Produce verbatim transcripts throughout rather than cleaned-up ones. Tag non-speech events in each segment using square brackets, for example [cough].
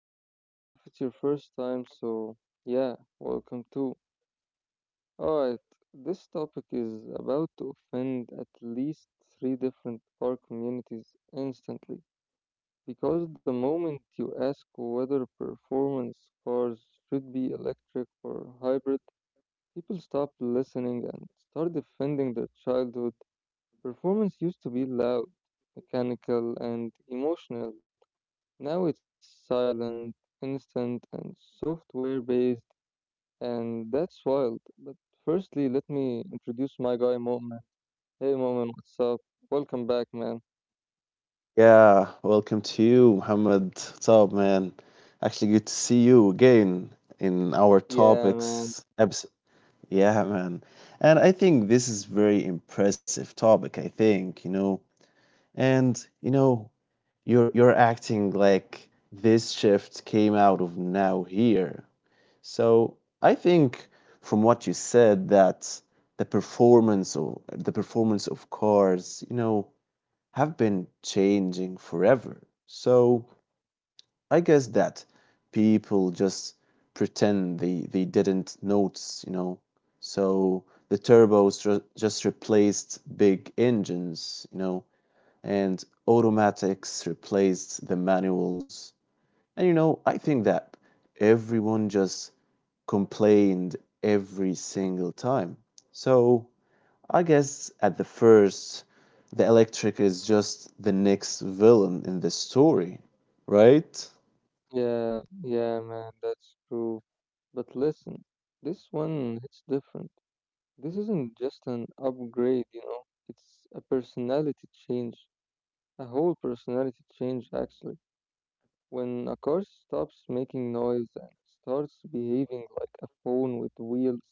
And if it's your first time, so yeah, welcome too. Alright, this topic is about to offend at least three different car communities instantly. Because the moment you ask whether performance cars should be electric or hybrid, people stop listening and start defending their childhood. Performance used to be loud, mechanical, and emotional. Now it's silent, instant, and software based, and that's wild. But firstly, let me introduce my guy, Mo'min. Hey, Mo'min, what's up? Welcome back, man. Yeah, welcome to you, Muhammad. What's up, man? Actually, good to see you again in our Yeah, man. topics episode. Yeah, man. And I think this is very impressive topic, I think, you know. And you know, you're you're acting like this shift came out of now here. So I think from what you said that the performance of the performance of cars, you know, have been changing forever. So I guess that people just pretend they, they didn't notice, you know. So the turbos ju- just replaced big engines, you know, and automatics replaced the manuals. And you know, I think that everyone just complained every single time. So I guess at the first the electric is just the next villain in the story, right? Yeah, yeah, man. That's true. But listen, this one hits different. This isn't just an upgrade, you know, it's a personality change, a whole personality change, actually. When a car stops making noise and starts behaving like a phone with wheels,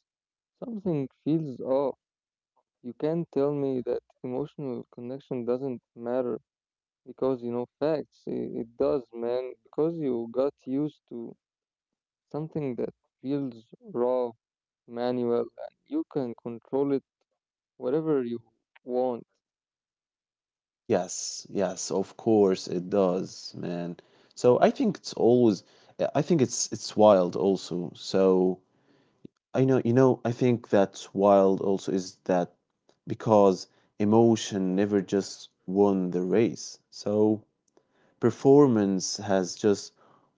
something feels off. You can't tell me that emotional connection doesn't matter because you know facts. It, it does, man, because you got used to something that feels raw, manual, and you can control it whatever you want. Yes, yes, of course it does, man. So I think it's always I think it's it's wild also. So I know you know I think that's wild also is that because emotion never just won the race. So performance has just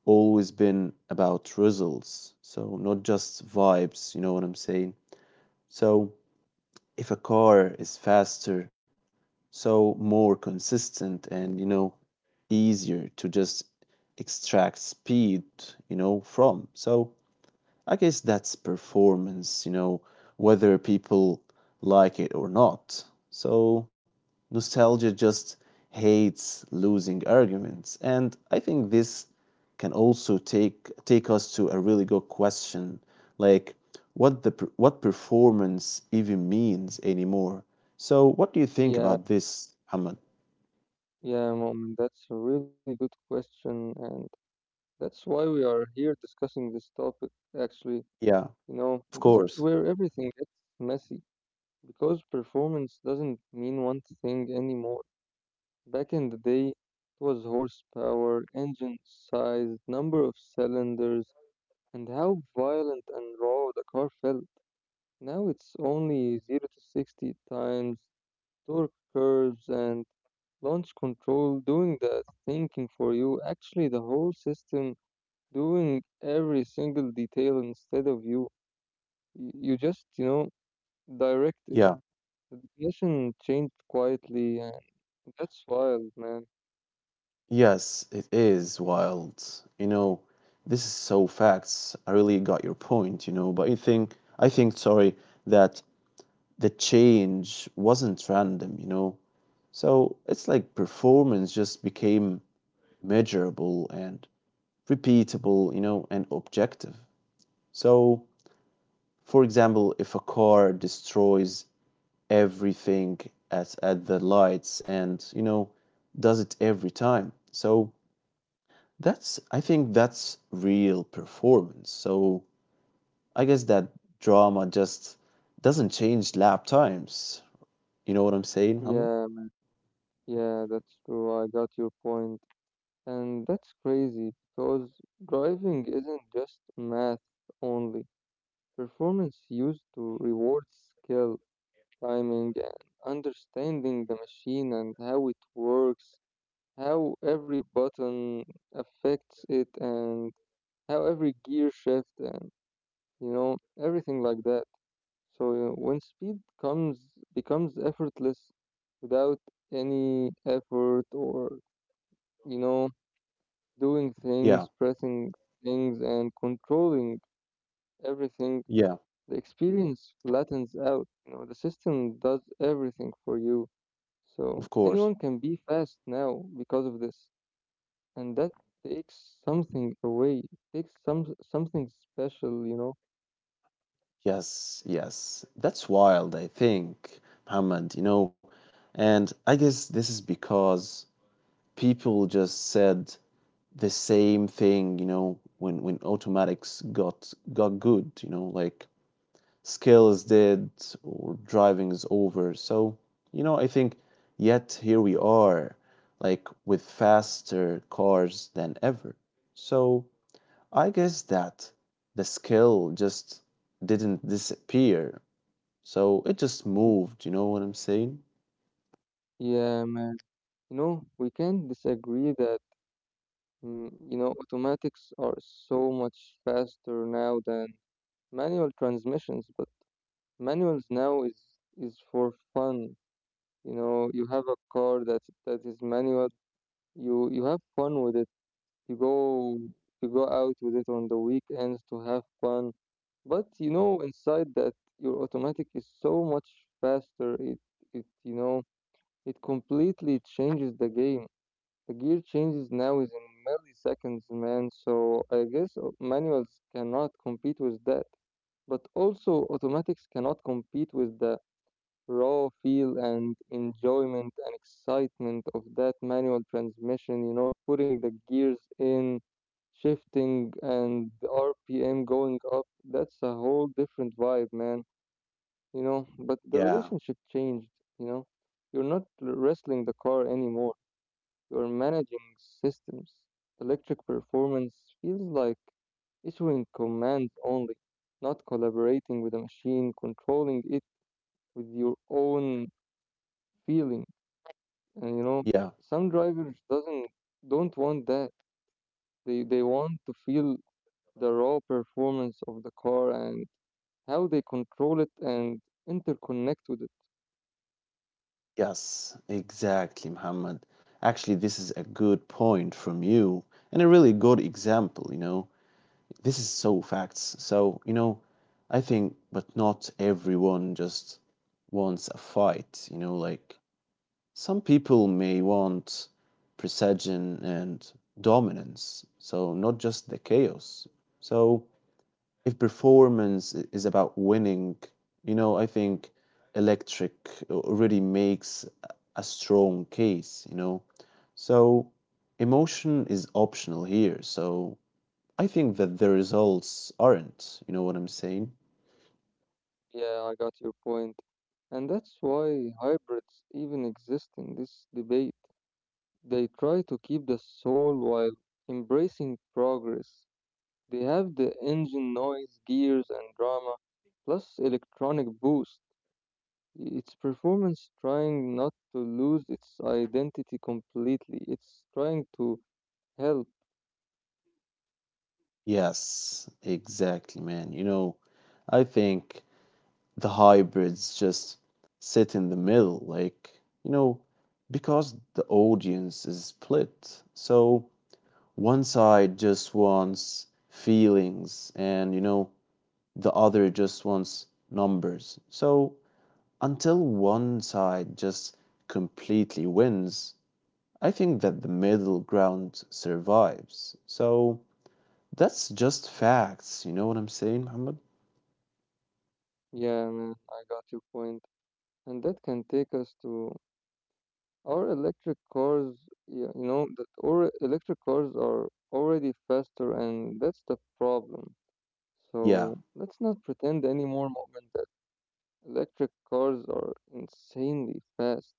always been about results. So, not just vibes, you know what I'm saying? So, if a car is faster, so more consistent and, you know, easier to just extract speed, you know, from. So, I guess that's performance, you know, whether people like it or not. So, nostalgia just hates losing arguments. And I think this can also take take us to a really good question, like what the per- what performance even means anymore. So, what do you think Yeah, about this, Ahmed? yeah, mom, that's a really good question, and that's why we are here discussing this topic actually. Yeah, You know, this of is course. where everything gets messy because performance doesn't mean one thing anymore. Back in the day, it was horsepower, engine size, number of cylinders, and how violent and raw the car felt. Now it's only zero to sixty times, torque curves, and launch control doing the thinking for you. Actually, the whole system doing every single detail instead of you. Y- You just, you know, direct Yeah. education changed quietly, and that's wild, man. Yes, it is wild. You know, this is so facts. I really got your point, you know, but I think I think sorry that the change wasn't random, you know. So it's like performance just became measurable and repeatable, you know, and objective. So, for example, if a car destroys everything at at the lights and, you know, does it every time. So that's I think that's real performance. So I guess that drama just doesn't change lap times. You know what I'm saying, Muhammad? Yeah, yeah, that's true. I got your point. And that's crazy because driving isn't just math only. Performance used to reward skill, timing, and understanding the machine and how it works, how every button affects it, and how every gear shift, and you know, everything like that. So uh, when speed comes becomes effortless without any effort or you know doing Yeah, things, pressing things and controlling everything, yeah, the experience flattens out. You know, the system does everything for you. So of course. anyone can be fast now because of this. And that takes something away. It takes some something special, you know. Yes, yes. That's wild, I think, Muhammad, you know. And I guess this is because people just said the same thing, you know, when when automatics got got good, you know, like skill is dead or driving is over. So, you know, I think yet here we are, like with faster cars than ever. So, I guess that the skill just didn't disappear. So, it just Y- moved, you know what I'm saying? Yeah, man. You know, we can disagree that Mm, you know, automatics are so much faster now than manual transmissions, but manuals now is is for fun. You know, you have a car that that is manual. You you have fun with it. You go you go out with it on the weekends to have fun. But you know inside that your automatic is so much faster. It it you know it completely changes the game. The gear changes now is in milliseconds, man, so I guess au- manuals cannot compete with that. But also, automatics cannot compete with the raw feel and enjoyment and excitement of that manual transmission, you know, putting the gears in, shifting, and the R P M going up. That's a whole different vibe, man, you know. But the Yeah, relationship changed, you know. You're not wrestling the car anymore, you're managing systems. Electric performance feels like issuing commands only, not collaborating with a machine, controlling it with your own feeling. And you know, yeah, some drivers doesn't don't want that. They they want to feel the raw performance of the car and how they control it and interconnect with it. yes, exactly, Muhammad. Actually, this is a good point from you and a really good example, you know. This is so facts. So, you know, I think, but not everyone just wants a fight, you know, like some people may want precision and dominance, so not just the chaos. So, if performance i- is about winning, you know, I think Electric already makes a a strong case, you know. So, emotion is optional here, so I think that the results aren't. You know what I'm saying? Yeah, I got your point. And that's why hybrids even exist in this debate. They try to keep the soul while embracing progress. They have the engine noise, gears, and drama, plus electronic boost. It's performance trying not to lose its identity completely. It's trying to help. Yes, exactly, man. You know, I think the hybrids just sit in the middle, like, you know, because the audience is split. So one side just wants feelings and, you know, the other just wants numbers. So until one side just completely wins, I think that the middle ground survives. So that's just facts. You know what I'm saying, Muhammad? Yeah, man, I got your point. And that can take us to our electric cars. Yeah, you know, that or electric cars are already faster, and that's the problem. So Yeah. let's not pretend anymore, moment. Electric cars are insanely fast.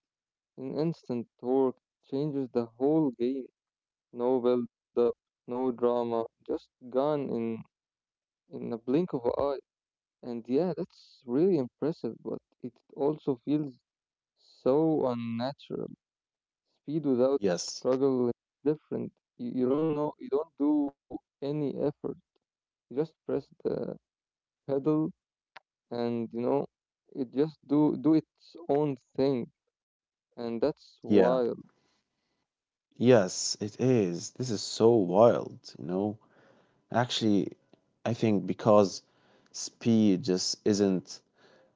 An instant torque changes the whole game. No build-up, no drama, just gone in in a blink of an eye. And yeah, that's really impressive, but it also feels so unnatural. Speed without Yes. struggle is different. You, you don't know, you don't do any effort. You just press the pedal, and you know, it just do do its own thing. And that's Yeah. wild. Yes, it is. This is so wild, you know? Actually, I think because speed just isn't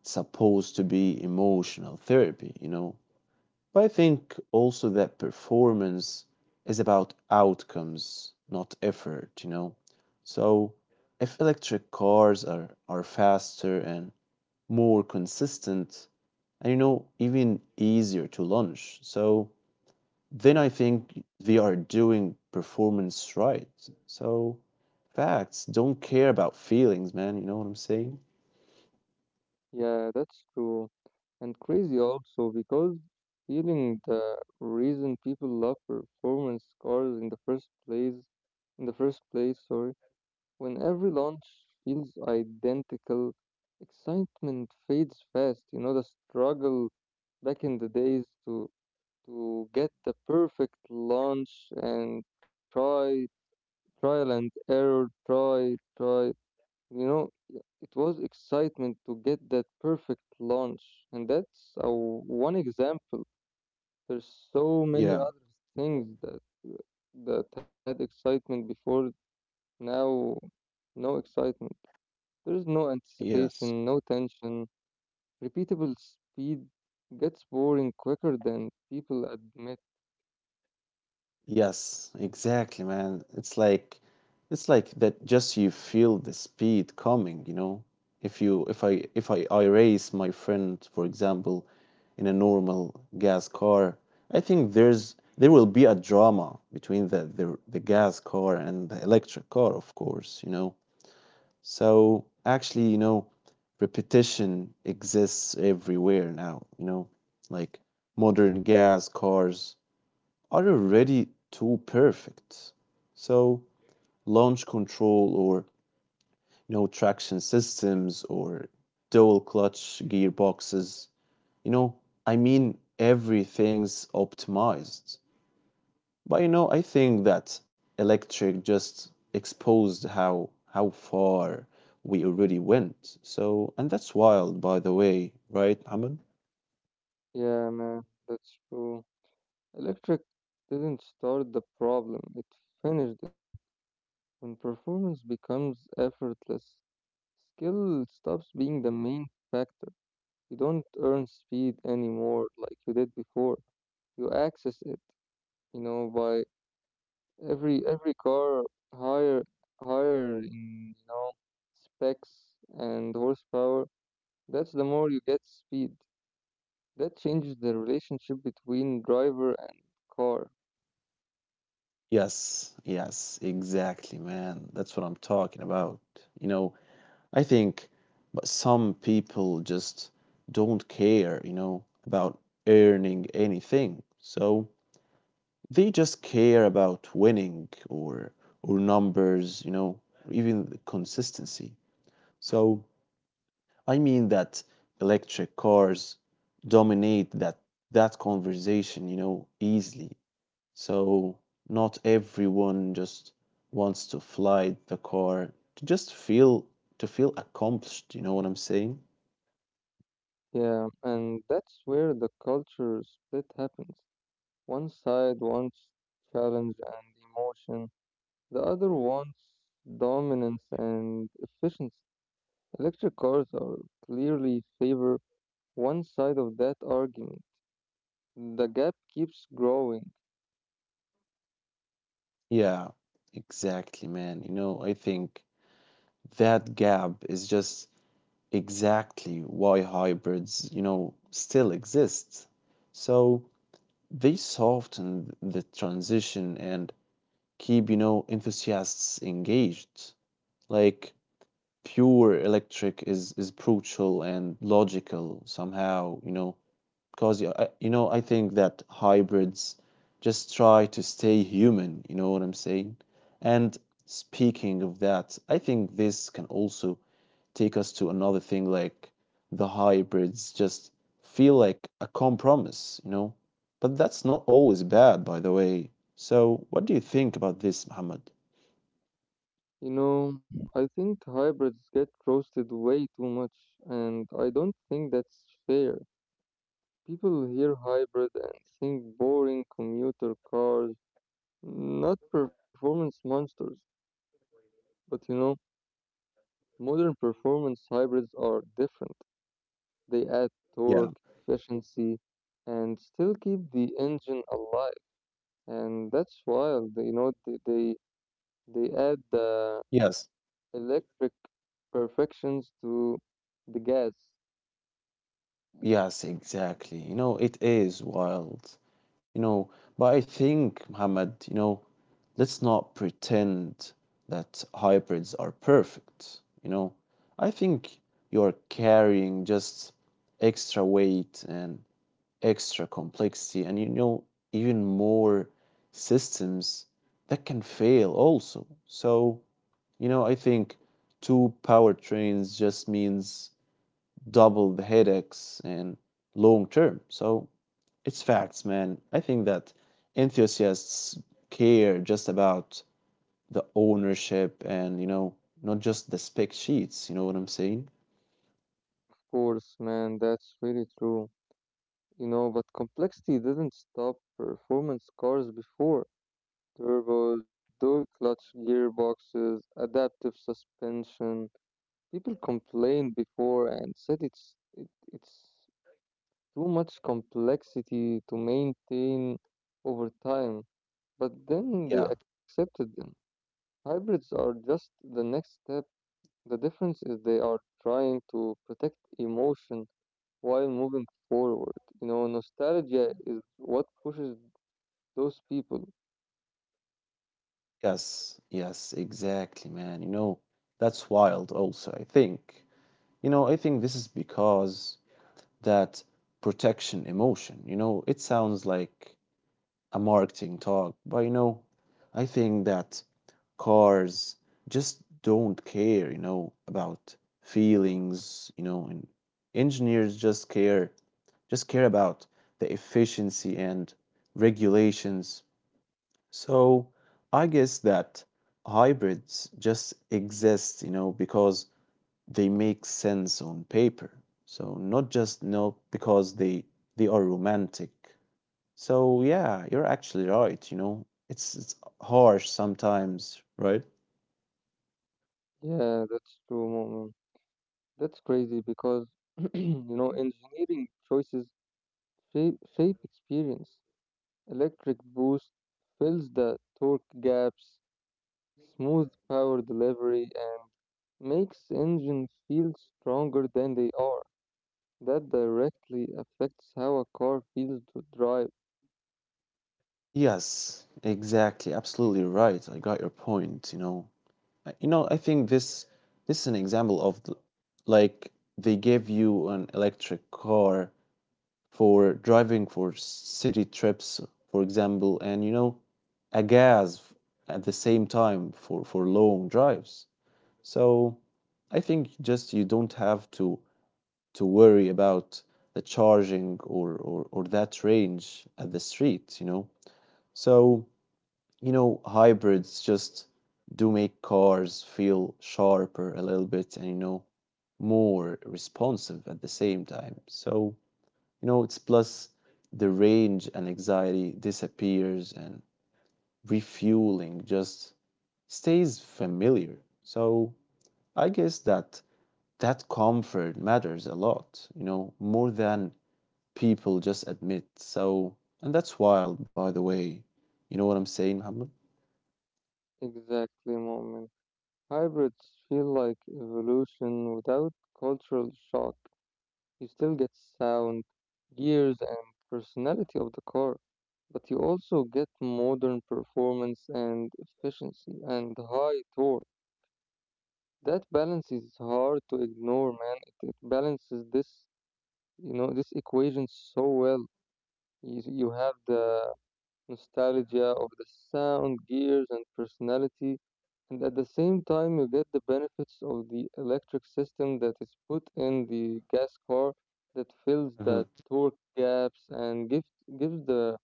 supposed to be emotional therapy, you know? But I think also that performance is about outcomes not effort you know so if electric cars are are faster and more consistent and you know even easier to launch so then I think they are doing performance right so facts don't care about feelings man you know what I'm saying Yeah, that's true. And crazy also because feeling the reason people love performance cars in the first place, in the first place, sorry, when every launch feels identical, excitement fades fast. You know, the struggle back in the days to to get the perfect launch and try trial and error, try, try. You know, it was excitement to get that perfect launch, and that's uh, one example. There's so many yeah other things that that had excitement before. Now, no excitement. There is no anticipation, no yes tension. Repeatable speed gets boring quicker than people admit. yes, exactly, man. It's like it's like that just you feel the speed coming, you know. If you if I if I, I race my friend, for example, in a normal gas car, I think there's there will be a drama between the the, the gas car and the electric car, of course, you know. So actually, you know, repetition exists everywhere now, you know. Like modern gas cars are already too perfect. So launch control or you know traction systems or dual clutch gearboxes, you know, I mean everything's optimized. But you know, I think that electric just exposed how how far we already went. So and that's wild by the way, right, Mohammed? Yeah, man, that's true. Electric didn't start the problem, it finished it. When performance becomes effortless, skill stops being the main factor. You don't earn speed anymore like you did before. You access it, you know, by every every car higher higher in you know specs and horsepower. That's the more you get speed. That changes the relationship between driver and car. Yes, yes, exactly, man. That's what I'm talking about. You know, I think but some people just don't care, you know, about earning anything. So they just care about winning or or numbers, you know, even the consistency. So I mean that electric cars dominate that that conversation, you know, easily. So not everyone just wants to fly the car to just feel to feel accomplished, you know what I'm saying? Yeah, and that's where the culture split happens. One side wants challenge and emotion, the other wants dominance and efficiency. Electric cars are clearly favor one side of that argument. The gap keeps growing. Yeah, exactly, man. You know, I think that gap is just exactly why hybrids, you know, still exist. So they soften the transition and keep, you know, enthusiasts engaged. Like pure electric is is brutal and logical somehow, you know, because I, you know I think that hybrids just try to stay human. You know what I'm saying? And speaking of that, I think this can also take us to another thing like the hybrids just feel like a compromise. You know, but that's not always bad, by the way. So what do you think about this, Muhammad? You know, I think hybrids get roasted way too much, and I don't think that's fair. People hear hybrid and think boring commuter cars, not performance monsters. But you know, modern performance hybrids are different. They add Yeah. torque, efficiency, and still keep the engine alive. And that's wild. You know, they they, they add the Yes. electric perfections to the gas. Yes, exactly. You know, it is wild. You know, but I think, Muhammad, you know, let's not pretend that hybrids are perfect. You know, I think you're carrying just extra weight and extra complexity, and you know, even more systems that can fail also. So, you know, I think two powertrains just means double the headaches in long term. So it's facts, man. I think that enthusiasts care just about the ownership and, you know, not just the spec sheets. You know what I'm saying? Of course, man, that's really true. You know, but complexity didn't stop performance cars before. Turbos, dual clutch gearboxes, adaptive suspension. People complained before and said it's it, it's too much complexity to maintain over time, but then they Yeah. accepted them. Hybrids are just the next step. The difference is they are trying to protect emotion while moving forward. You know, nostalgia is what pushes those people. Yes. Yes. Exactly, man. You know, that's wild also, I think. You know, I think this is because that protection emotion, you know, it sounds like a marketing talk, but you know, I think that cars just don't care, you know, about feelings, you know, and engineers just care, just care about the efficiency and regulations. So I guess that hybrids just exist, you know, because they make sense on paper. So not just, you know, because they they are romantic. So yeah, you're actually right, you know. It's it's harsh sometimes, right? Yeah, that's true, moment. That's crazy because, [clears throat] you know, engineering choices shape, shape experience. Electric boost fills the torque gaps, smooth power delivery, and makes engines feel stronger than they are. That directly affects how a car feels to drive. Yes, exactly. Absolutely right. I got your point, you know. I- You know, I think this this is an example of the, like they give you an electric car for driving for city trips, for example, and you know, a gas f- at the same time for for long drives. So I think just you don't have to to worry about the charging or, or, or that range at the street, you know? So, you know, hybrids just do make cars feel sharper a little bit and, you know, more responsive at the same time. So, you know, it's plus the range and anxiety disappears and refueling just stays familiar. So I guess that that comfort matters a lot, you know, more than people just admit. So, and that's wild, by the way. You know what I'm saying, Muhammad? Exactly, moment. Hybrids feel like evolution without cultural shock. You still get sound, gears, and personality of the car, but you also get modern performance and efficiency and high torque. That balance is hard to ignore, man. It, it balances this, you know, this equation so well. You, you have the nostalgia of the sound, gears, and personality, and at the same time, you get the benefits of the electric system that is put in the gas car that fills the Hmm. torque gaps and gives gives the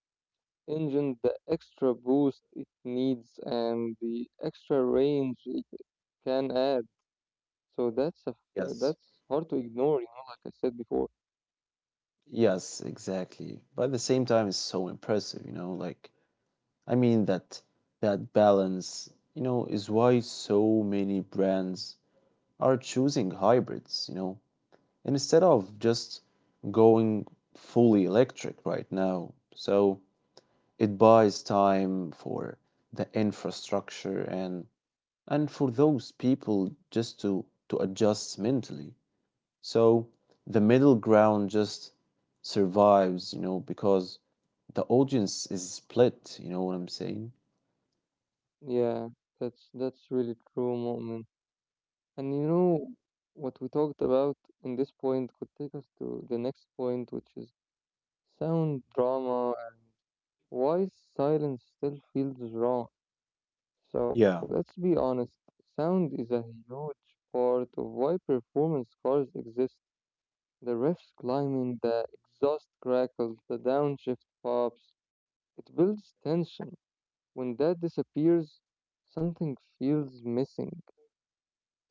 engine the extra boost it needs and the extra range it can add. So that's a f- Yes. that's hard to ignore, you know, like I said before. Yes, exactly. But at the same time, it's so impressive, you know, like I mean that that balance, you know, is why so many brands are choosing hybrids, you know, and instead of just going fully electric right now. So it buys time for the infrastructure and and for those people just to to adjust mentally so the middle ground just survives you know because the audience is split you know what I'm saying Yeah, that's that's really true, moment. And you know what we talked about in this point could take us to the next point, which is sound drama and why silence still feels wrong. So yeah let's be honest, sound is a huge part of why performance cars exist. The refs climbing, the exhaust crackles, the downshift pops. It builds tension. When that disappears, something feels missing.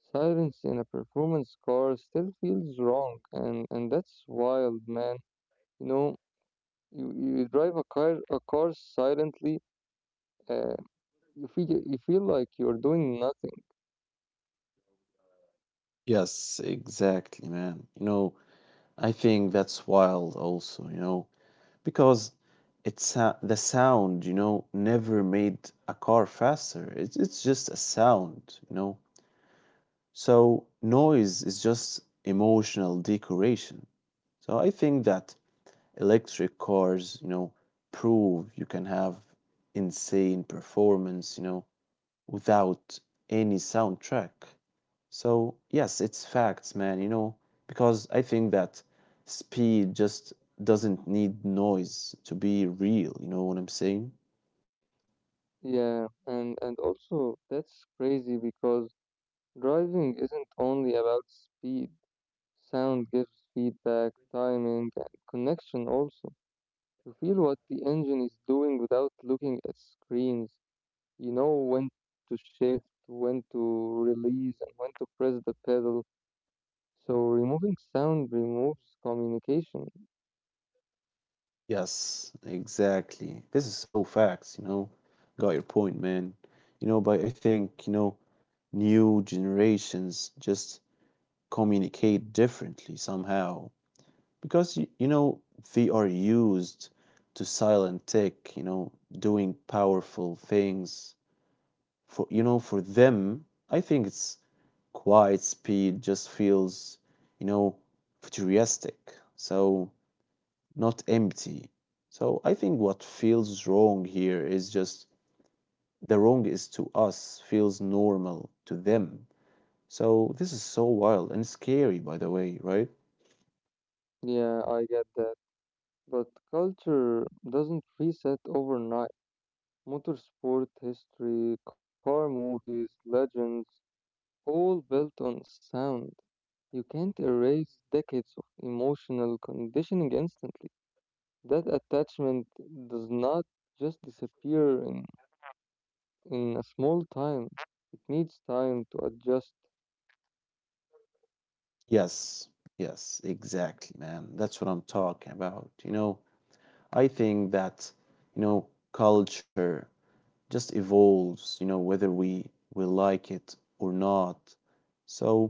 Silence in a performance car still feels wrong, and, and that's wild, man. You know, you, you drive a car, a car silently, uh, you, feel, you feel like you're doing nothing. yes exactly man you know I think that's wild also you know because it's uh, the sound you know never made a car faster it's, it's just a sound you know so noise is just emotional decoration. So I think that electric cars, you know, prove you can have insane performance, you know, without any soundtrack. So yes, it's facts, man, you know, because I think that speed just doesn't need noise to be real, you know what I'm saying? Yeah, and, and also that's crazy because driving isn't only about speed. Sound gives feedback, timing, and connection also. You feel what the engine is doing without looking at screens. You know when to shift, when to release, and when to press the pedal. So removing sound removes communication. Yes, exactly. This is so facts, you know. Got your point, man. You know, but I think, you know, new generations just communicate differently somehow because y- you know they are used to silent tech you know doing powerful things for you know for them I think it's quiet speed just feels you know futuristic so not empty so I think what feels wrong here is just the wrong is to us feels normal to them so this is so wild and scary by the way right Yeah, I get that. But culture doesn't reset overnight. Motorsport history, car movies, legends, all built on sound. You can't erase decades of emotional conditioning instantly. That attachment does not just disappear in, in a small time. It needs time to adjust. yes, yes, exactly, man. That's what I'm talking about. You know, I think that, you know, culture just evolves, you know, whether we we like it or not. So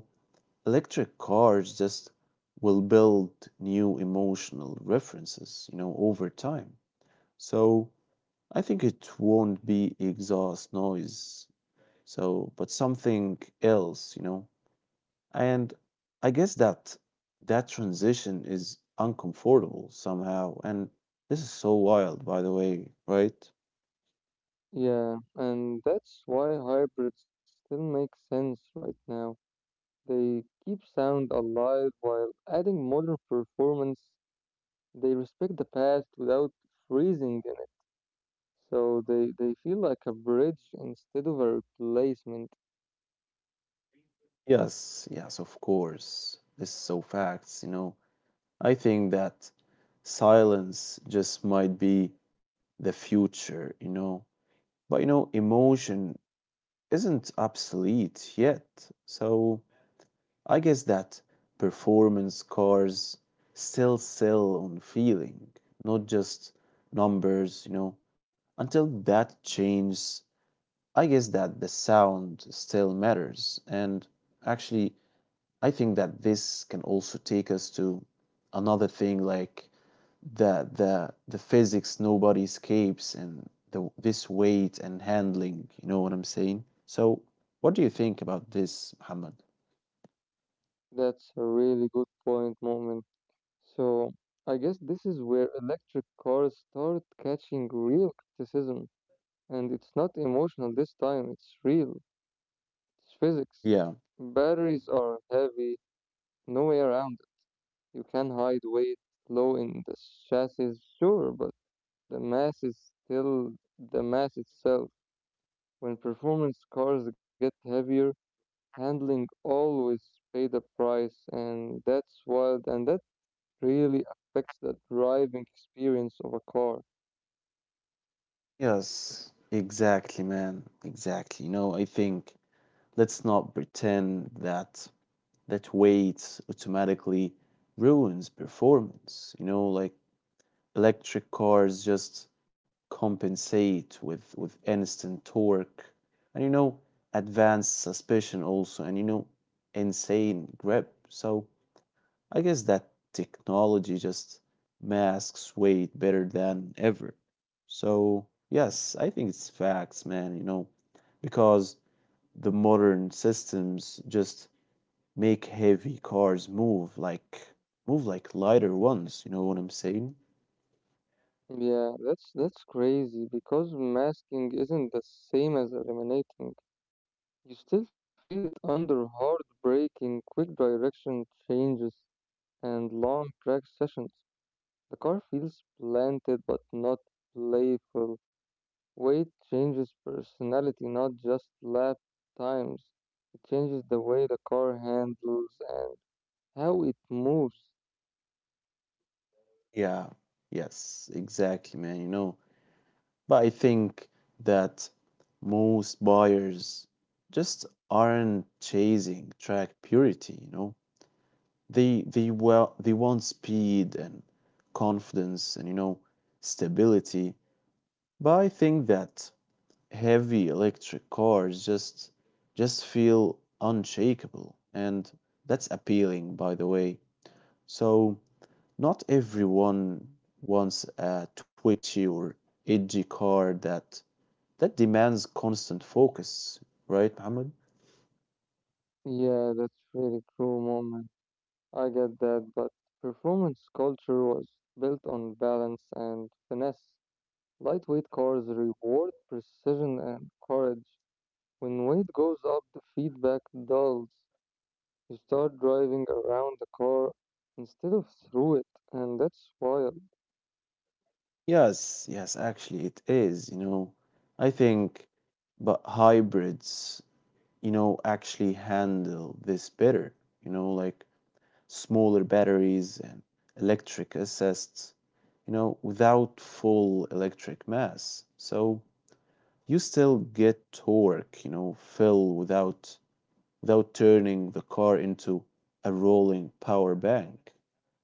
electric cars just will build new emotional references, you know, over time. So I think it won't be exhaust noise. So, but something else, you know. And I guess that that transition is uncomfortable somehow. And this is so wild, by the way, right? Yeah, and that's why hybrids still make sense right now. They keep sound alive while adding modern performance. They respect the past without freezing in it. So they, they feel like a bridge instead of a replacement. Yes, yes, of course. This is so facts, you know. I think that silence just might be the future, you know. But you know, emotion isn't obsolete yet. So I guess that performance cars still sell on feeling, not just numbers, you know. Until that changes, I guess that the sound still matters. And actually, I think that this can also take us to another thing like the the the physics nobody escapes and the this weight and handling, you know what I'm saying? So, what do you think about this, Muhammad? That's a really good point, moment. So I guess this is where electric cars start catching real criticism, and it's not emotional this time, it's real, it's physics. Yeah. Batteries are heavy, no way around it. You can hide weight low in the chassis, sure, but the mass is still the mass itself. When performance cars get heavier, handling always pay the price, and that's wild, and that's really affects the driving experience of a car. Yes, exactly, man. Exactly. You know, I think let's not pretend that that weight automatically ruins performance. You know, like electric cars just compensate with with instant torque and you know advanced suspension also and you know insane grip. So I guess that technology just masks weight better than ever. So, yes, I think it's facts, man, you know, because the modern systems just make heavy cars move like move like lighter ones, you know what I'm saying? Yeah, that's that's crazy because masking isn't the same as eliminating. You still feel it under hard braking, quick direction changes, and long track sessions. The car feels planted but not playful. Weight changes personality, not just lap times. It changes the way the car handles and how it moves. Yeah. Yes, exactly, man, you know. But I think that most buyers just aren't chasing track purity, you know. They they well they want speed and confidence and you know stability, but I think that heavy electric cars just just feel unshakable and that's appealing by the way. So not everyone wants a twitchy or edgy car that that demands constant focus, right, Mohammed? Yeah, that's really true, Mom. I get that, but performance culture was built on balance and finesse. Lightweight cars reward precision and courage. When weight goes up, the feedback dulls. You start driving around the car instead of through it, and that's wild. Yes, yes, actually it is, you know. I think but hybrids you know, actually handle this better, you know, like smaller batteries and electric assists, you know, without full electric mass. So you still get torque, you know, fill without without turning the car into a rolling power bank.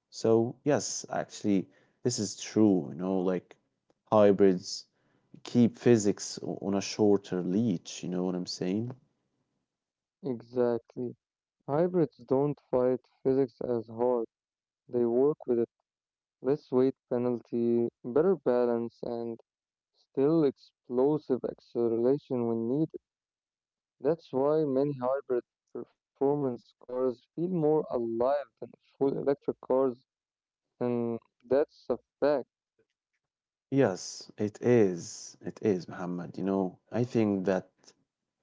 So yes, actually this is true, you know, like hybrids keep physics o- on a shorter leash, you know what I'm saying? Exactly. Hybrids don't fight physics as hard. They work with it. Less weight penalty, better balance, and still explosive acceleration when needed. That's why many hybrid performance cars feel more alive than full electric cars, and that's a fact. Yes, it is. It is, Muhammad. You know, I think that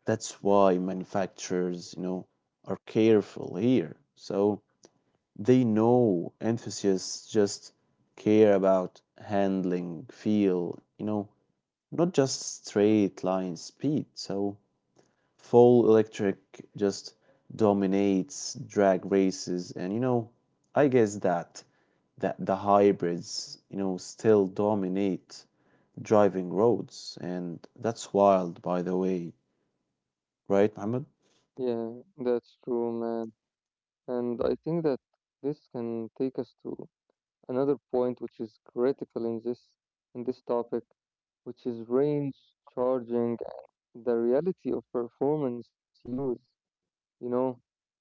that's why manufacturers, you know, are careful here. So they know enthusiasts just care about handling, feel, you know, not just straight line speed. So full electric just dominates drag races, and you know, I guess that that the hybrids, you know, still dominate driving roads, and that's wild, by the way, right, Mohammed? Yeah, that's true, man. And I think that this can take us to another point which is critical in this in this topic, which is range, charging, and the reality of performance use. You know,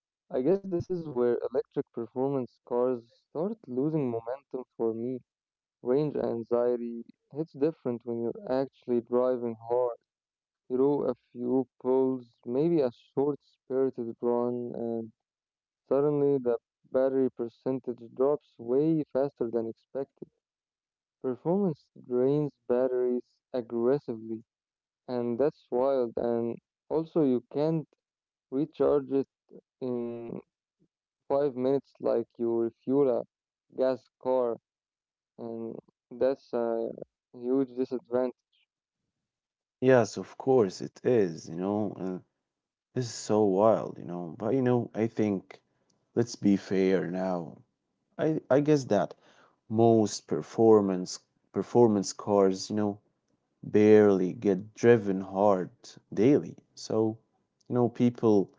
I guess this is where electric performance cars start losing momentum for me. Range anxiety hits different when you're actually driving hard. You do a few pulls, maybe a short spirited run, and suddenly the battery percentage drops way faster than expected. Performance drains batteries aggressively, and that's wild. And also, you can't recharge it in five minutes like you refuel a gas car, and that's a huge disadvantage. Yes, of course it is, you know, and this is so wild, you know. But you know, I think let's be fair now. I I guess that most performance performance cars, you know, barely get driven hard daily. So, you know, people,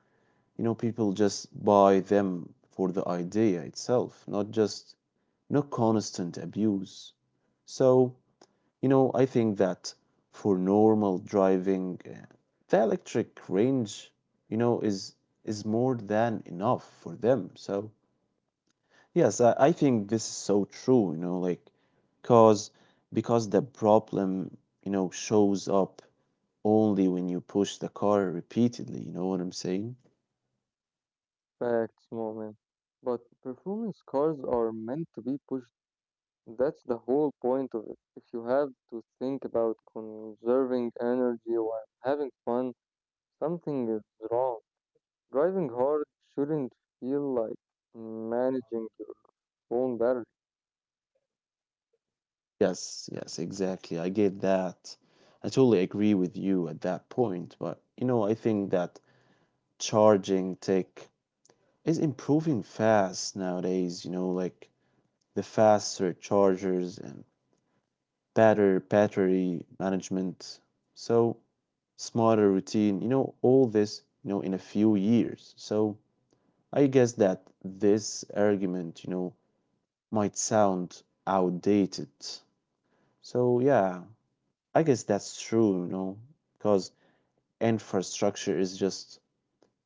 you know, people just buy them for the idea itself, not just no constant abuse. So, you know, I think that for normal driving, uh, the electric range, you know, is is more than enough for them. So yes, I, I think this is so true. You know, like cause because the problem, you know, shows up only when you push the car repeatedly. You know what I'm saying? Facts, moment. But performance cars are meant to be pushed. That's the whole point of it. If you have to think about conserving energy while having fun, something is wrong. Driving hard shouldn't feel like managing your phone battery. Yes, yes, exactly. I get that. I totally agree with you at that point. But, you know, I think that charging tech is improving fast nowadays, you know, like the faster chargers and better battery management, so smarter routine, you know, all this, you know, in a few years. So I guess that this argument, you know, might sound outdated. So yeah, I guess that's true, you know, because infrastructure is just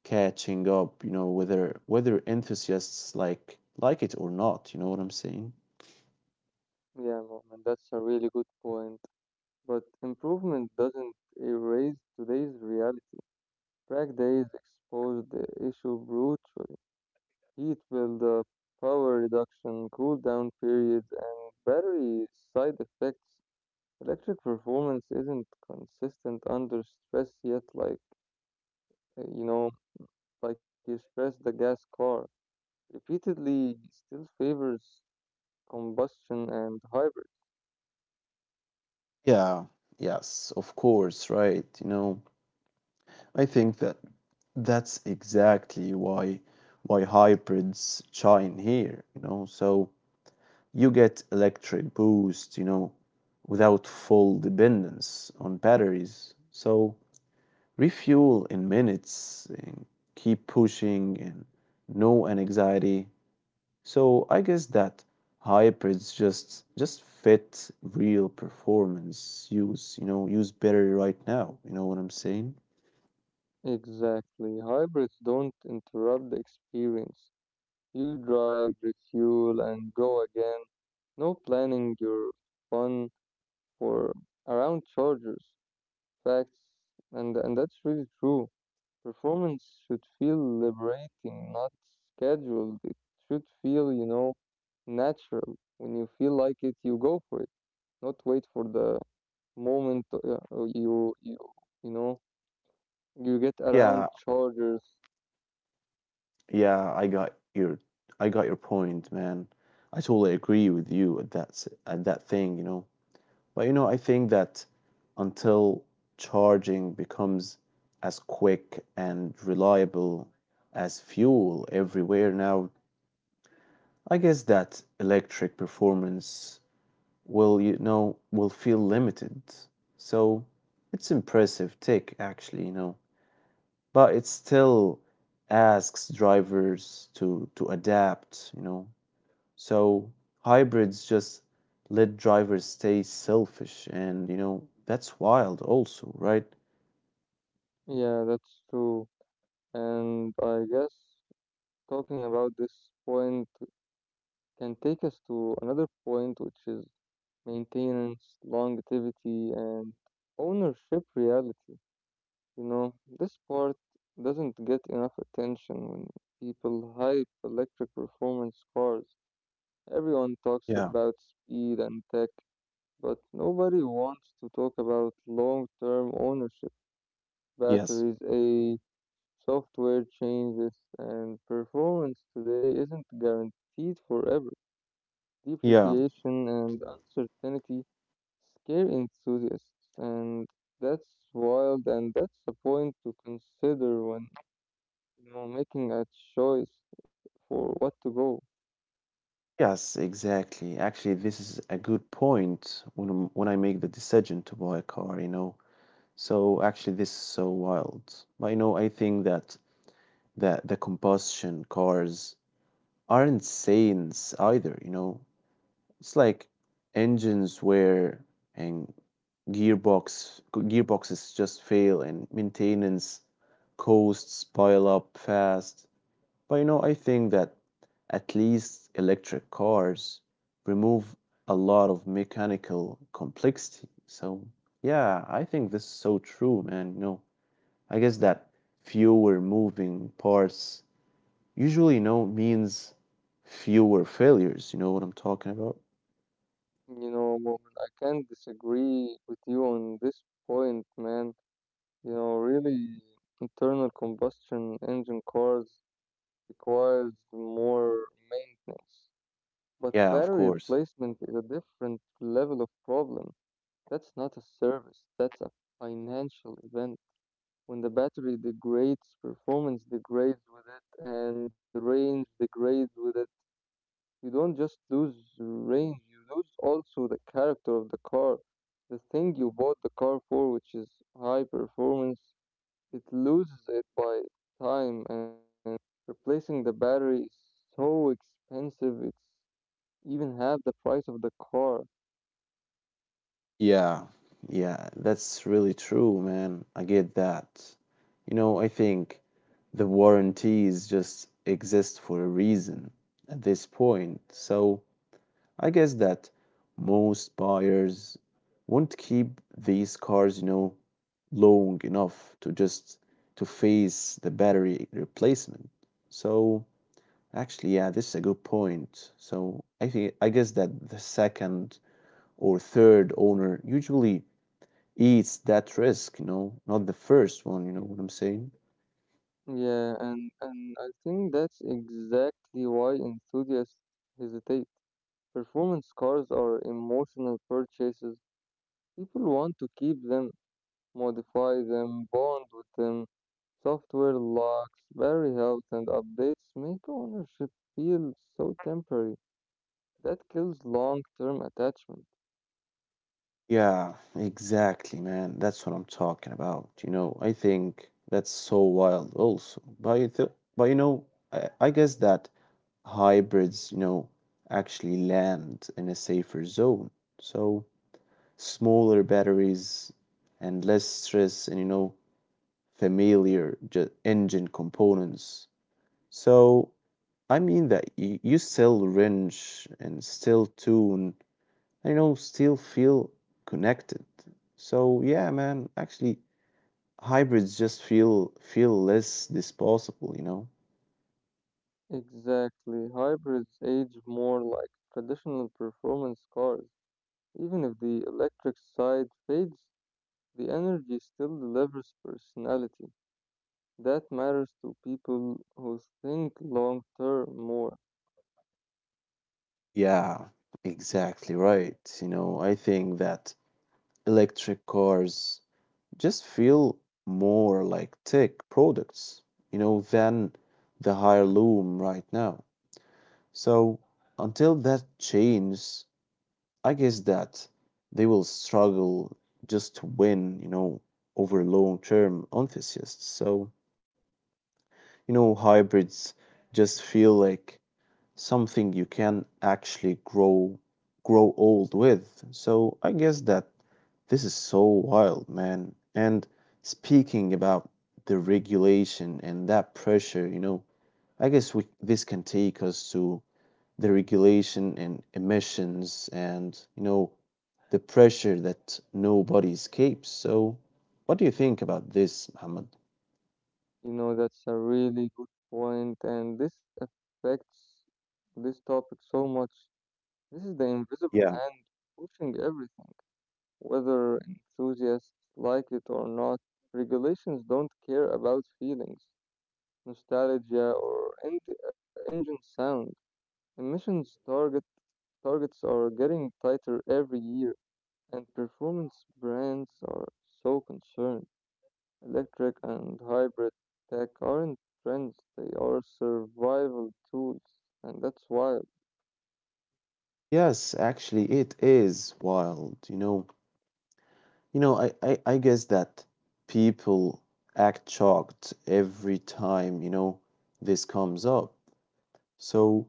catching up, you know, whether whether enthusiasts like like it or not, you know what I'm saying? Yeah, moment, that's a really good point. But improvement doesn't erase today's reality. Track days expose the issue brutally. Heat buildup, power reduction, cooldown periods, and battery side effects. Electric performance isn't consistent under stress yet, like uh, you know, like you stress the gas car. Repeatedly still favors combustion and hybrid. Yeah, yes, of course, right, you know. I think that that's exactly why why hybrids shine here, you know. So you get electric boost, you know, without full dependence on batteries. So refuel in minutes and keep pushing and no anxiety. So I guess that hybrids just just fit real performance use, you know, use better right now. You know what I'm saying? Exactly. Hybrids don't interrupt the experience. You drive, refuel, and go again. No planning your fun for around chargers. Facts, and and that's really true. Performance should feel liberating, not scheduled. It should feel, you know, natural. When you feel like it, you go for it. Not wait for the moment uh, uh, you you you know you get around Yeah, chargers. yeah, I got your I got your point, man. I totally agree with you at that s- at that thing, you know. But you know, I think that until charging becomes as quick and reliable as fuel everywhere now, I guess that electric performance will, you know, will feel limited. So it's impressive tick actually, you know. But it still asks drivers to to adapt, you know. So hybrids just let drivers stay selfish and you know that's wild also, right? Yeah, that's true. And I guess talking about this point can take us to another point, which is maintenance, longevity, and ownership reality. You know, this part doesn't get enough attention when people hype electric performance cars. Everyone talks Yeah, about speed and tech, but nobody wants to talk about long term ownership. yes. Batteries age, software changes, and performance today isn't guaranteed forever. Yeah. Depreciation and uncertainty scare enthusiasts, and that's wild, and that's a point to consider when you know making a choice for what to go. Yes, exactly. Actually, this is a good point when I'm- when I make the decision to buy a car, you know. So actually this is so wild. But you know, I think that that the combustion cars aren't saints either, you know. It's like engines wear and gearbox gearboxes just fail and maintenance costs pile up fast. But you know, I think that at least electric cars remove a lot of mechanical complexity. So yeah, I think this is so true, man. You know, I guess that fewer moving parts usually you know means fewer failures. You know what I'm talking about? You know, Mo'min, I can't disagree with you on this point, man. You know, really, internal combustion engine cars requires more maintenance, but Yeah, battery of course. replacement is a different level of problem. That's not a service, that's a financial event. When the battery degrades, performance degrades with it, and the range degrades with it. You don't just lose range, you lose also the character of the car. The thing you bought the car for, which is high performance, it loses it by time, and replacing the battery is so expensive, it's even half the price of the car. Yeah, yeah, that's really true, man. I get that. You know, I think the warranties just exist for a reason at this point. So I guess that most buyers won't keep these cars, you know, long enough to just to face the battery replacement. So actually, yeah, this is a good point. So I think I guess that the second or third owner usually it's that risk, you know, not the first one, you know what I'm saying? Yeah, and, and I think that's exactly why enthusiasts hesitate. Performance cars are emotional purchases. People want to keep them, modify them, bond with them. Software locks, battery health, and updates make ownership feel so temporary. That kills long term attachment. Yeah, exactly, man. That's what I'm talking about. You know, I think that's so wild also. But you th but you know, I, I guess that hybrids, you know, actually land in a safer zone. So smaller batteries and less stress and you know, familiar ju engine components. So I mean that you, you still wrench and still tune I know still feel connected. So yeah, man, actually hybrids just feel feel less disposable, you know? Exactly. Hybrids age more like traditional performance cars, even if the electric side fades. The energy still delivers personality. That matters to people who think long term more. Yeah, exactly right. You know, I think that electric cars just feel more like tech products, you know, than the heirloom right now. So until that changes, I guess that they will struggle just to win, you know, over long-term enthusiasts. So, you know, hybrids just feel like something you can actually grow grow old with. So, I guess that this is so wild, man. And speaking about the regulation and that pressure, you know, I guess we this can take us to the regulation and emissions and, you know, the pressure that nobody escapes. So, what do you think about this, Muhammad? You know, that's a really good point, and this affects this topic so much. This is the invisible Yeah, hand pushing everything, whether enthusiasts like it or not. Regulations don't care about feelings, nostalgia, or enti- uh, engine sound. Emissions target targets are getting tighter every year. And performance brands are so concerned. Electric and hybrid tech aren't trends, they are survival tools. And that's why, yes, actually, it is wild. You know, you know, I, I, I guess that people act shocked every time, you know, this comes up. So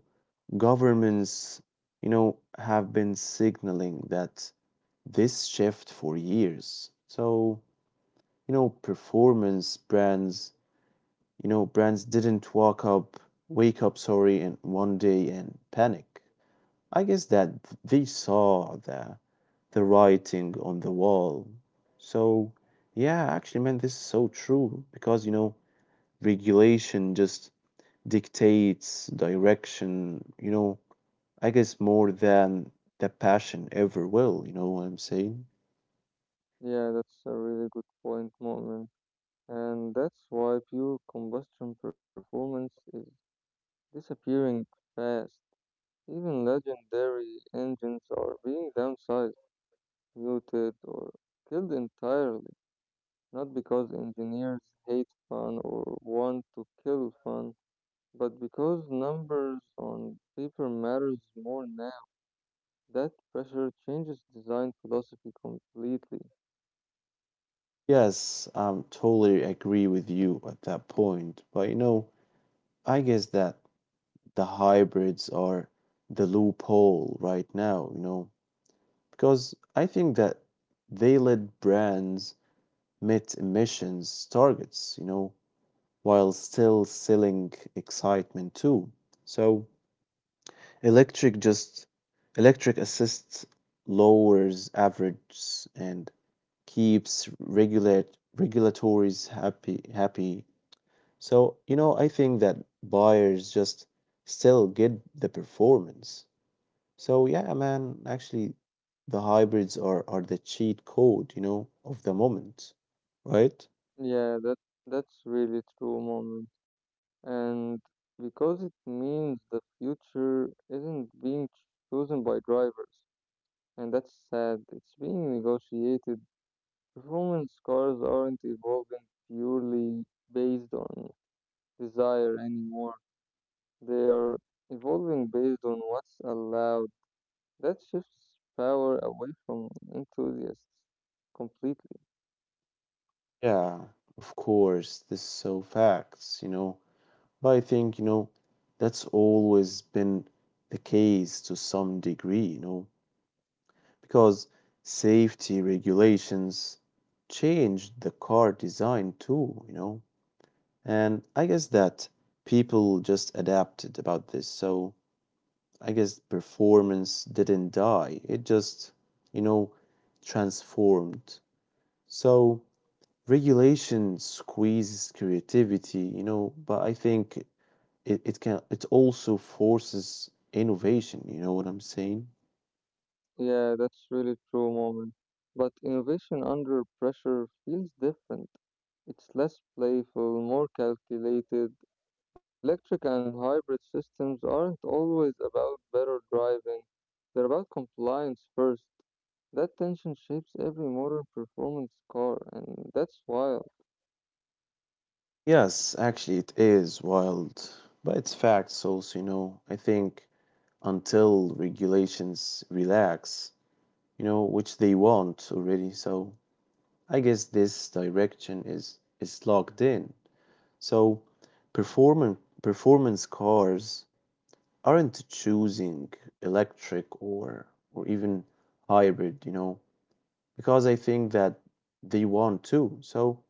governments, you know, have been signaling that this shift for years. So, you know, performance brands you know brands didn't walk up wake up sorry in one day and panic. I guess that they saw the the writing on the wall. So yeah, actually man, this is so true because you know regulation just dictates direction, you know, I guess more than the passion ever will. You know what I'm saying? yeah, that's a really good point, Moment. And that's why pure combustion performance is disappearing fast. Even legendary engines are being downsized, muted, or killed entirely. Not because engineers hate fun or want to kill fun, but because numbers on paper matters more now. That pressure changes design philosophy completely. Yes, i um totally agree with you at that point. But you know, I guess that the hybrids are the loophole right now, you know, because I think that they let brands meet emissions targets, you know, while still selling excitement too. So electric just electric assists lowers average and keeps regulate regulatories happy happy. So, you know, I think that buyers just still get the performance. So yeah, man, actually the hybrids are, are the cheat code, you know, of the moment, right? Yeah, that that's really true, moment. And because it means the future isn't being chosen by drivers, and that's sad. It's being negotiated. Performance cars aren't evolving purely based on desire anymore. They are evolving based on what's allowed. That shifts power away from enthusiasts completely. Yeah, of course, this is so facts, you know. But I think, you know, that's always been the case to some degree, you know, because safety regulations changed the car design too, you know. And I guess that people just adapted about this. So I guess performance didn't die. It just, you know, transformed. So regulation squeezes creativity, you know, but I think it, it can it also forces innovation, you know what I'm saying? Yeah, that's really true, moment. But innovation under pressure feels different. It's less playful, more calculated. Electric and hybrid systems aren't always about better driving. They're about compliance first. That tension shapes every modern performance car, and that's wild. Yes, actually it is wild, but it's facts also, you know. I think until regulations relax, you know, which they want already, so I guess this direction is is locked in. So performance performance cars aren't choosing electric or or even hybrid, you know, because I think that they want to. So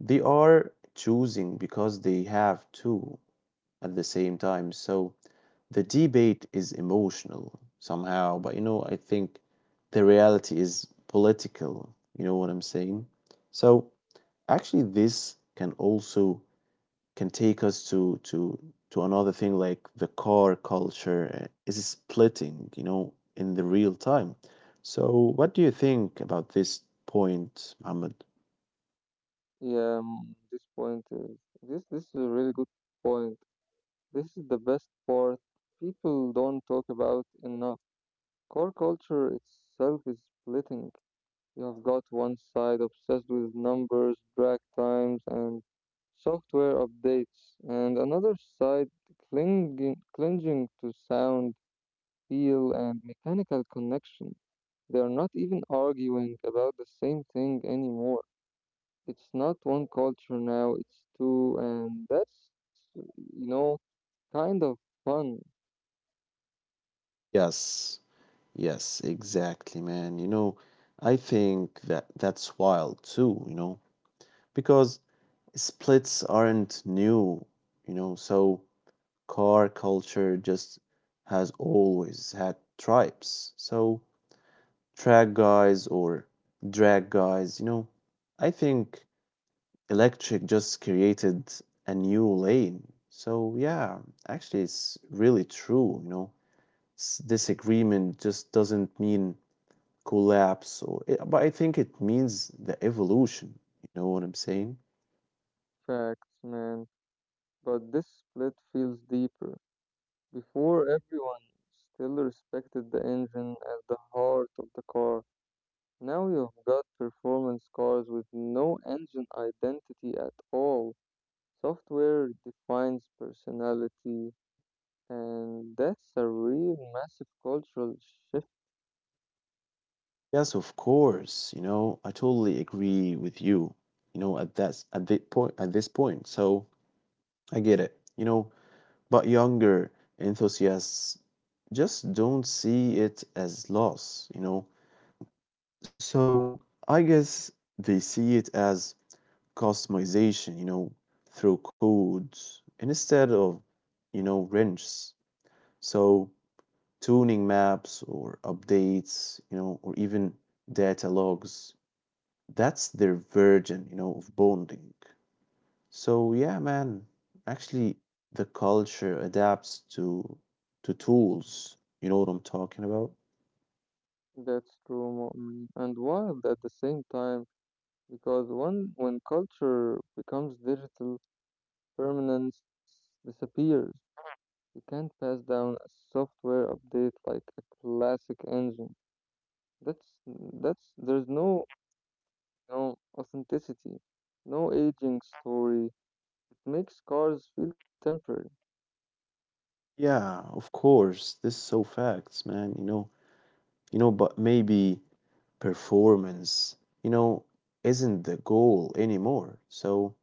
they are choosing because they have to at the same time. So the debate is emotional somehow, but you know, I think the reality is political. You know what I'm saying? So actually, this can also can take us to to to another thing, like the car culture uh, is splitting, you know, in the real time. So what do you think about this point, Muhammad? Yeah, mm, this point is this this is a really good point. This is the best part people don't talk about enough. Core culture itself is splitting. You have got one side obsessed with numbers, drag times, and software updates, and another side clinging, clinging to sound, feel, and mechanical connection. They are not even arguing about the same thing anymore. It's not one culture now, it's two, and that's, you know, kind of fun. Yes, yes, exactly, man, you know. I think that that's wild too, you know, because splits aren't new, you know. So car culture just has always had tribes. So track guys or drag guys, you know. I think electric just created a new lane. So, yeah, actually, it's really true, you know. S- Disagreement just doesn't mean collapse, or it, but I think it means the evolution. You know what I'm saying? Facts, man. But this split feels deeper. Before, everyone still respected the engine as the heart of the car. Now you've got performance cars with no engine identity at all. Software defines personality, and that's a real massive cultural shift. Yes, of course. You know, I totally agree with you. You know, at that at the point at this point. So I get it. You know, but younger enthusiasts just don't see it as loss, you know. So I guess they see it as customization, you know, through code instead of, you know, wrenches. So tuning maps or updates, you know, or even data logs, that's their version, you know, of bonding. So yeah, man, actually the culture adapts to to tools. You know what I'm talking about? That's true, Mu'min, and wild at the same time because one, when culture becomes digital, permanence disappears. You can't pass down a software update like a classic engine. That's that's there's no no authenticity, no aging story. It makes cars feel temporary. Yeah, of course. This is so facts, man. You know, you know, but maybe performance, you know, isn't the goal anymore. So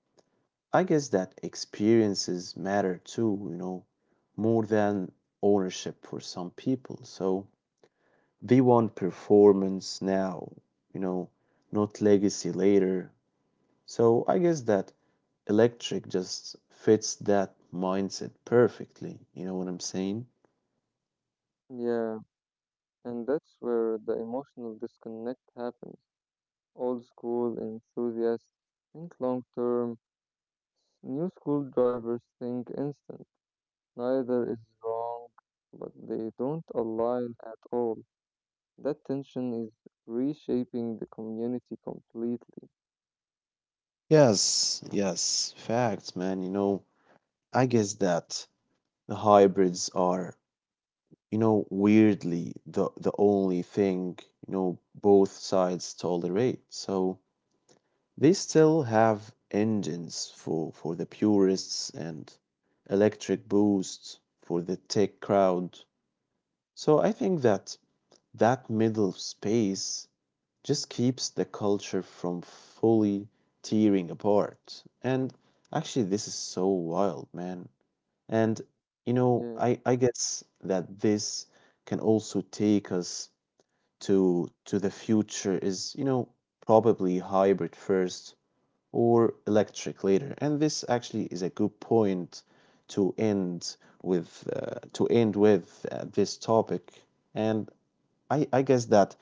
I guess that experiences matter too, you know, more than ownership for some people. So they want performance now, you know, not legacy later. So I guess that electric just fits that mindset perfectly. You know what I'm saying? Yeah, and that's where the emotional disconnect happens. Old school enthusiasts think long term. New school drivers think instant. Neither is wrong, but they don't align at all. That tension is reshaping the community completely. Yes, yes, facts, man. You know, I guess that the hybrids are, you know, weirdly the the only thing, you know, both sides tolerate. So they still have engines for for the purists and electric boosts for the tech crowd. So I think that that middle space just keeps the culture from fully tearing apart. And actually, this is so wild, man. And you know, Yeah, I I guess that this can also take us to to the future is, you know, probably hybrid first or electric later. And this actually is a good point to end with uh, to end with uh, this topic. And I I guess that,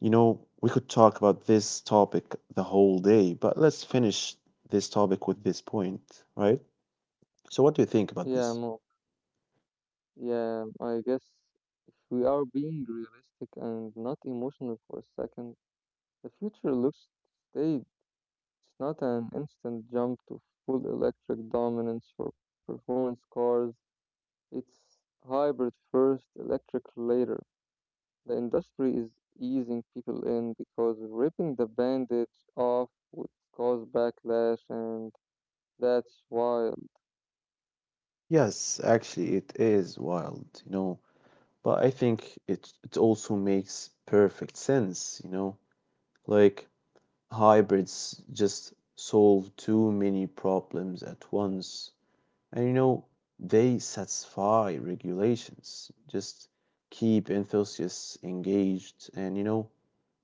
you know, we could talk about this topic the whole day, but let's finish this topic with this point, right? So, what do you think about yeah, this? Mo. Yeah, I guess if we are being realistic and not emotional for a second, the future looks stayed. It's not an instant jump to full electric dominance for performance cars. It's hybrid first, electric later. The industry is easing people in because ripping the bandage off would cause backlash, and that's wild. Yes, actually, it is wild, you know, but I think it it also makes perfect sense, you know, like hybrids just solve too many problems at once. And you know, they satisfy regulations, just keep enthusiasts engaged, and you know,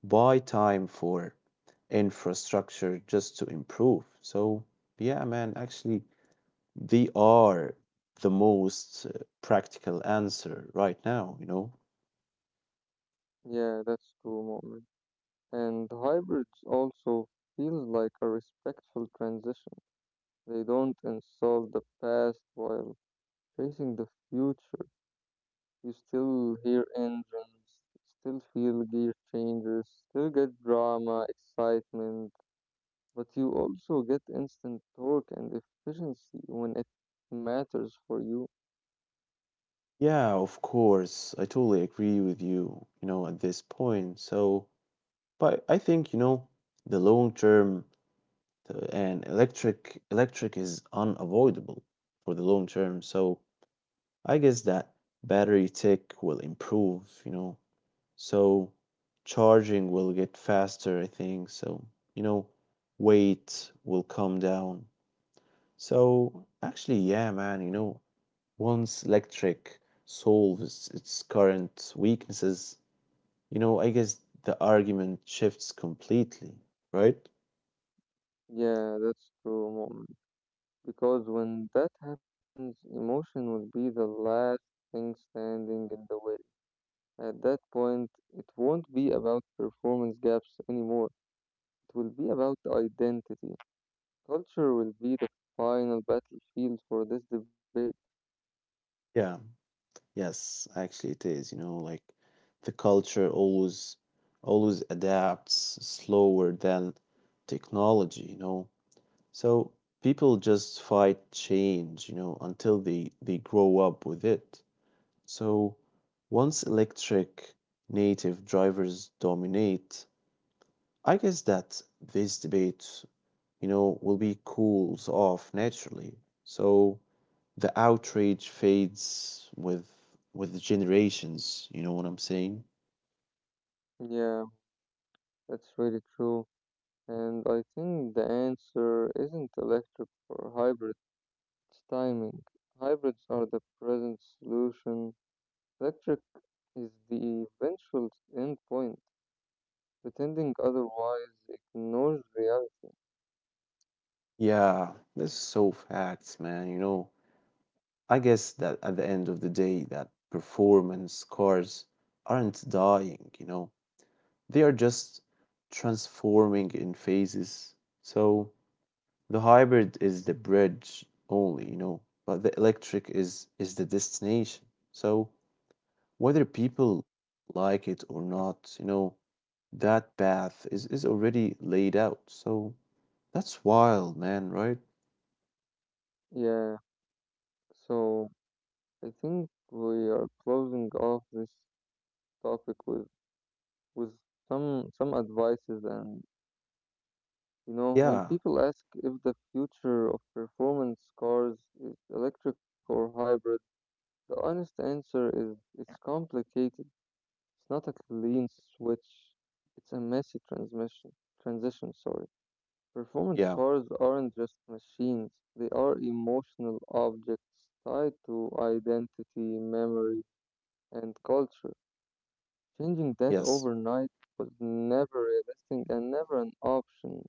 buy time for infrastructure just to improve. So, yeah, man, actually, they are the most uh, practical answer right now, you know? Yeah, that's true, moment. And hybrids also feels like a respectful transition. They don't insult the past while facing the future. You still hear engines, still feel gear changes, still get drama, excitement, but you also get instant torque and efficiency when it matters for you. Yeah, of course. I totally agree with you, you know, at this point. So, but I think, you know, the long term th- and electric electric is unavoidable for the long term. So I guess that battery tech will improve, you know. So charging will get faster, I think. So, you know, weight will come down. So actually, yeah, man, you know, once electric solves its current weaknesses, you know, I guess the argument shifts completely, right? Yeah, that's true, mom. Because when that happens, emotion will be the last thing standing in the way. At that point, it won't be about performance gaps anymore. It will be about identity. Culture will be the final battlefield for this debate. Yeah. Yes, actually it is, you know, like the culture always always adapts slower than technology, you know. So people just fight change, you know, until they they grow up with it. So once electric native drivers dominate, I guess that this debate, you know, will be cools off naturally. So the outrage fades with with the generations, you know what I'm saying? Yeah, that's really true. And I think the answer isn't electric or hybrid, it's timing. Hybrids are the present solution. Electric is the eventual end point. Pretending otherwise ignores reality. Yeah, that's so facts, man, you know. I guess that at the end of the day that performance cars aren't dying, you know. They are just transforming in phases. So the hybrid is the bridge only, you know, but the electric is is the destination. So whether people like it or not, you know, that path is, is already laid out. So that's wild, man, right? Yeah, so I think we are closing off this topic with with some some advices, and you know when Yeah, people ask if the future of performance cars is electric or hybrid, the honest answer is it's complicated. It's not a clean switch. It's a messy transmission transition, sorry. Performance yeah, cars aren't just machines, they are emotional objects tied to identity, memory, and culture. Changing that yes, overnight was never realistic and never an option.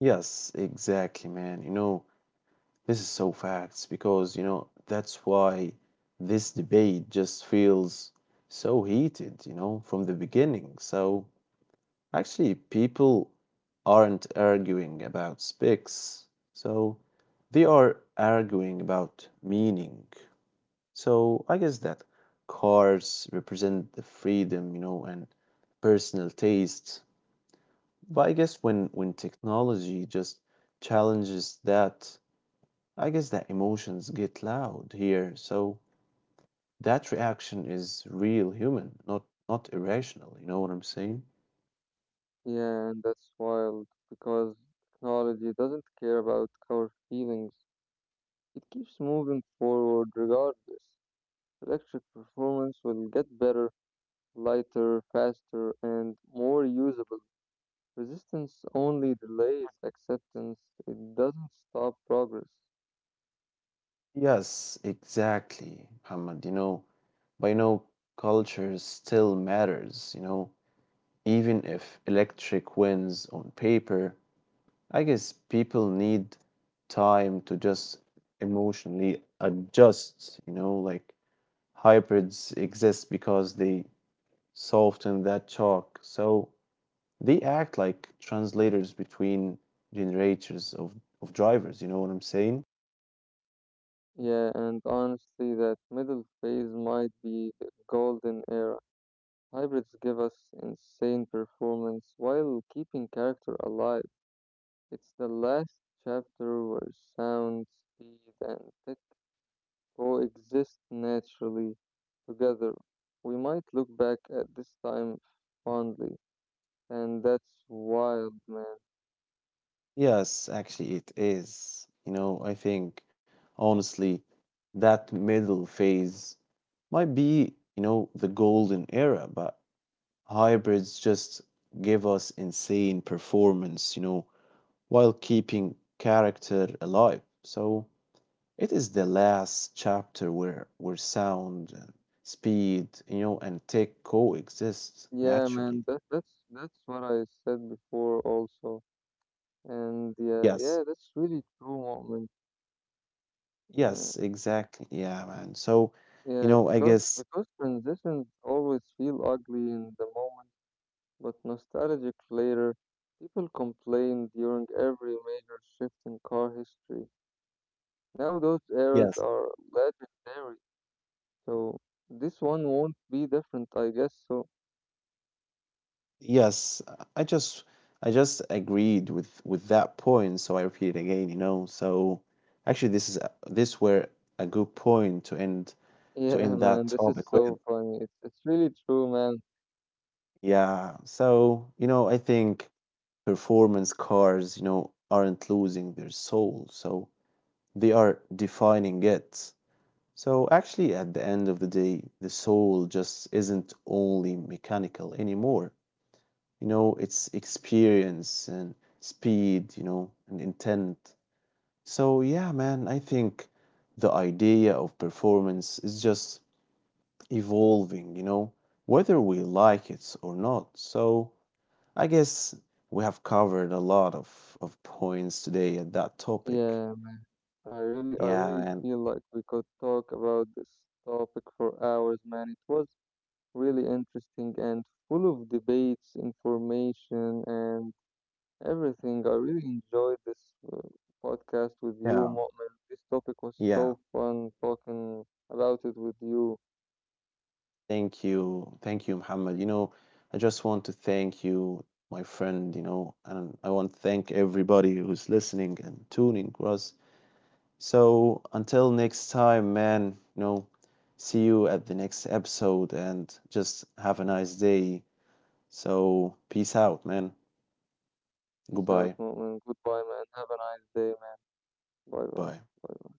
yes, exactly, man. You know, this is so facts because, you know, that's why this debate just feels so heated, you know, from the beginning. So actually, people aren't arguing about specs. So they are arguing about meaning. So I guess that cars represent the freedom, you know, and personal taste. But I guess when when technology just challenges that, I guess that emotions get loud here. So that reaction is real human, not, not irrational. You know what I'm saying? Yeah, and that's wild because technology doesn't care about our feelings, it keeps moving forward regardless. Electric performance will get better, lighter, faster, and more usable. Resistance only delays acceptance, it doesn't stop progress. Yes, exactly, Muhammad. You know, but you know, culture still matters. You know, even if electric wins on paper, I guess people need time to just emotionally adjust, you know, like hybrids exist because they soften that shock. So they act like translators between generators of, of drivers, you know what I'm saying? Yeah, and honestly, that middle phase might be the golden era. Hybrids give us insane performance while keeping character alive. It's the last chapter where sound, speed, and tech coexist naturally together. We might look back at this time fondly, and that's wild, man. Yes, actually it is. You know, I think honestly that middle phase might be, you know, the golden era, but hybrids just give us insane performance, you know, while keeping character alive. So it is the last chapter where where sound and speed, you know, and tech coexist Yeah, naturally. man, that that's that's what I said before also, and yeah, Yes. yeah, that's really true, moment. Yeah, Yes, exactly. Yeah, man. So, yeah, you know, I because guess because transitions always feel ugly in the moment, but nostalgic later. People complain during every major shift in car history. Now those eras yes. are legendary, so this one won't be different, I guess. So Yes, uh, I just I just agreed with with that point, so I repeat it again, you know. So actually this is a- this were a good point to end [laughs] to yeah, end man, that this is topic so with. funny. It's it's really true, man. Yeah. So, you know, I think performance cars, you know, aren't losing their soul. So they are defining it. So actually, at the end of the day, the soul just isn't only mechanical anymore. You know, it's experience and speed, you know, and intent. So, yeah, man, I think the idea of performance is just evolving, you know, whether we like it or not. So I guess we have covered a lot of, of points today at that topic. Yeah. I really, I Yeah, really man. feel like we could talk about this topic for hours, man. It was really interesting and full of debates, information, and everything. I really enjoyed this uh, podcast with you, Yeah, Mu'min. This topic was yeah. so fun talking about it with you. Thank you. Thank you, Muhammad. You know, I just want to thank you, my friend, you know, and I want to thank everybody who's listening and tuning with us. So until next time, man, you know, see you at the next episode and just have a nice day. So, peace out, man. Peace out, Goodbye. Mu'min. Goodbye, man. Have a nice day, man. Bye bye. Bye. Bye.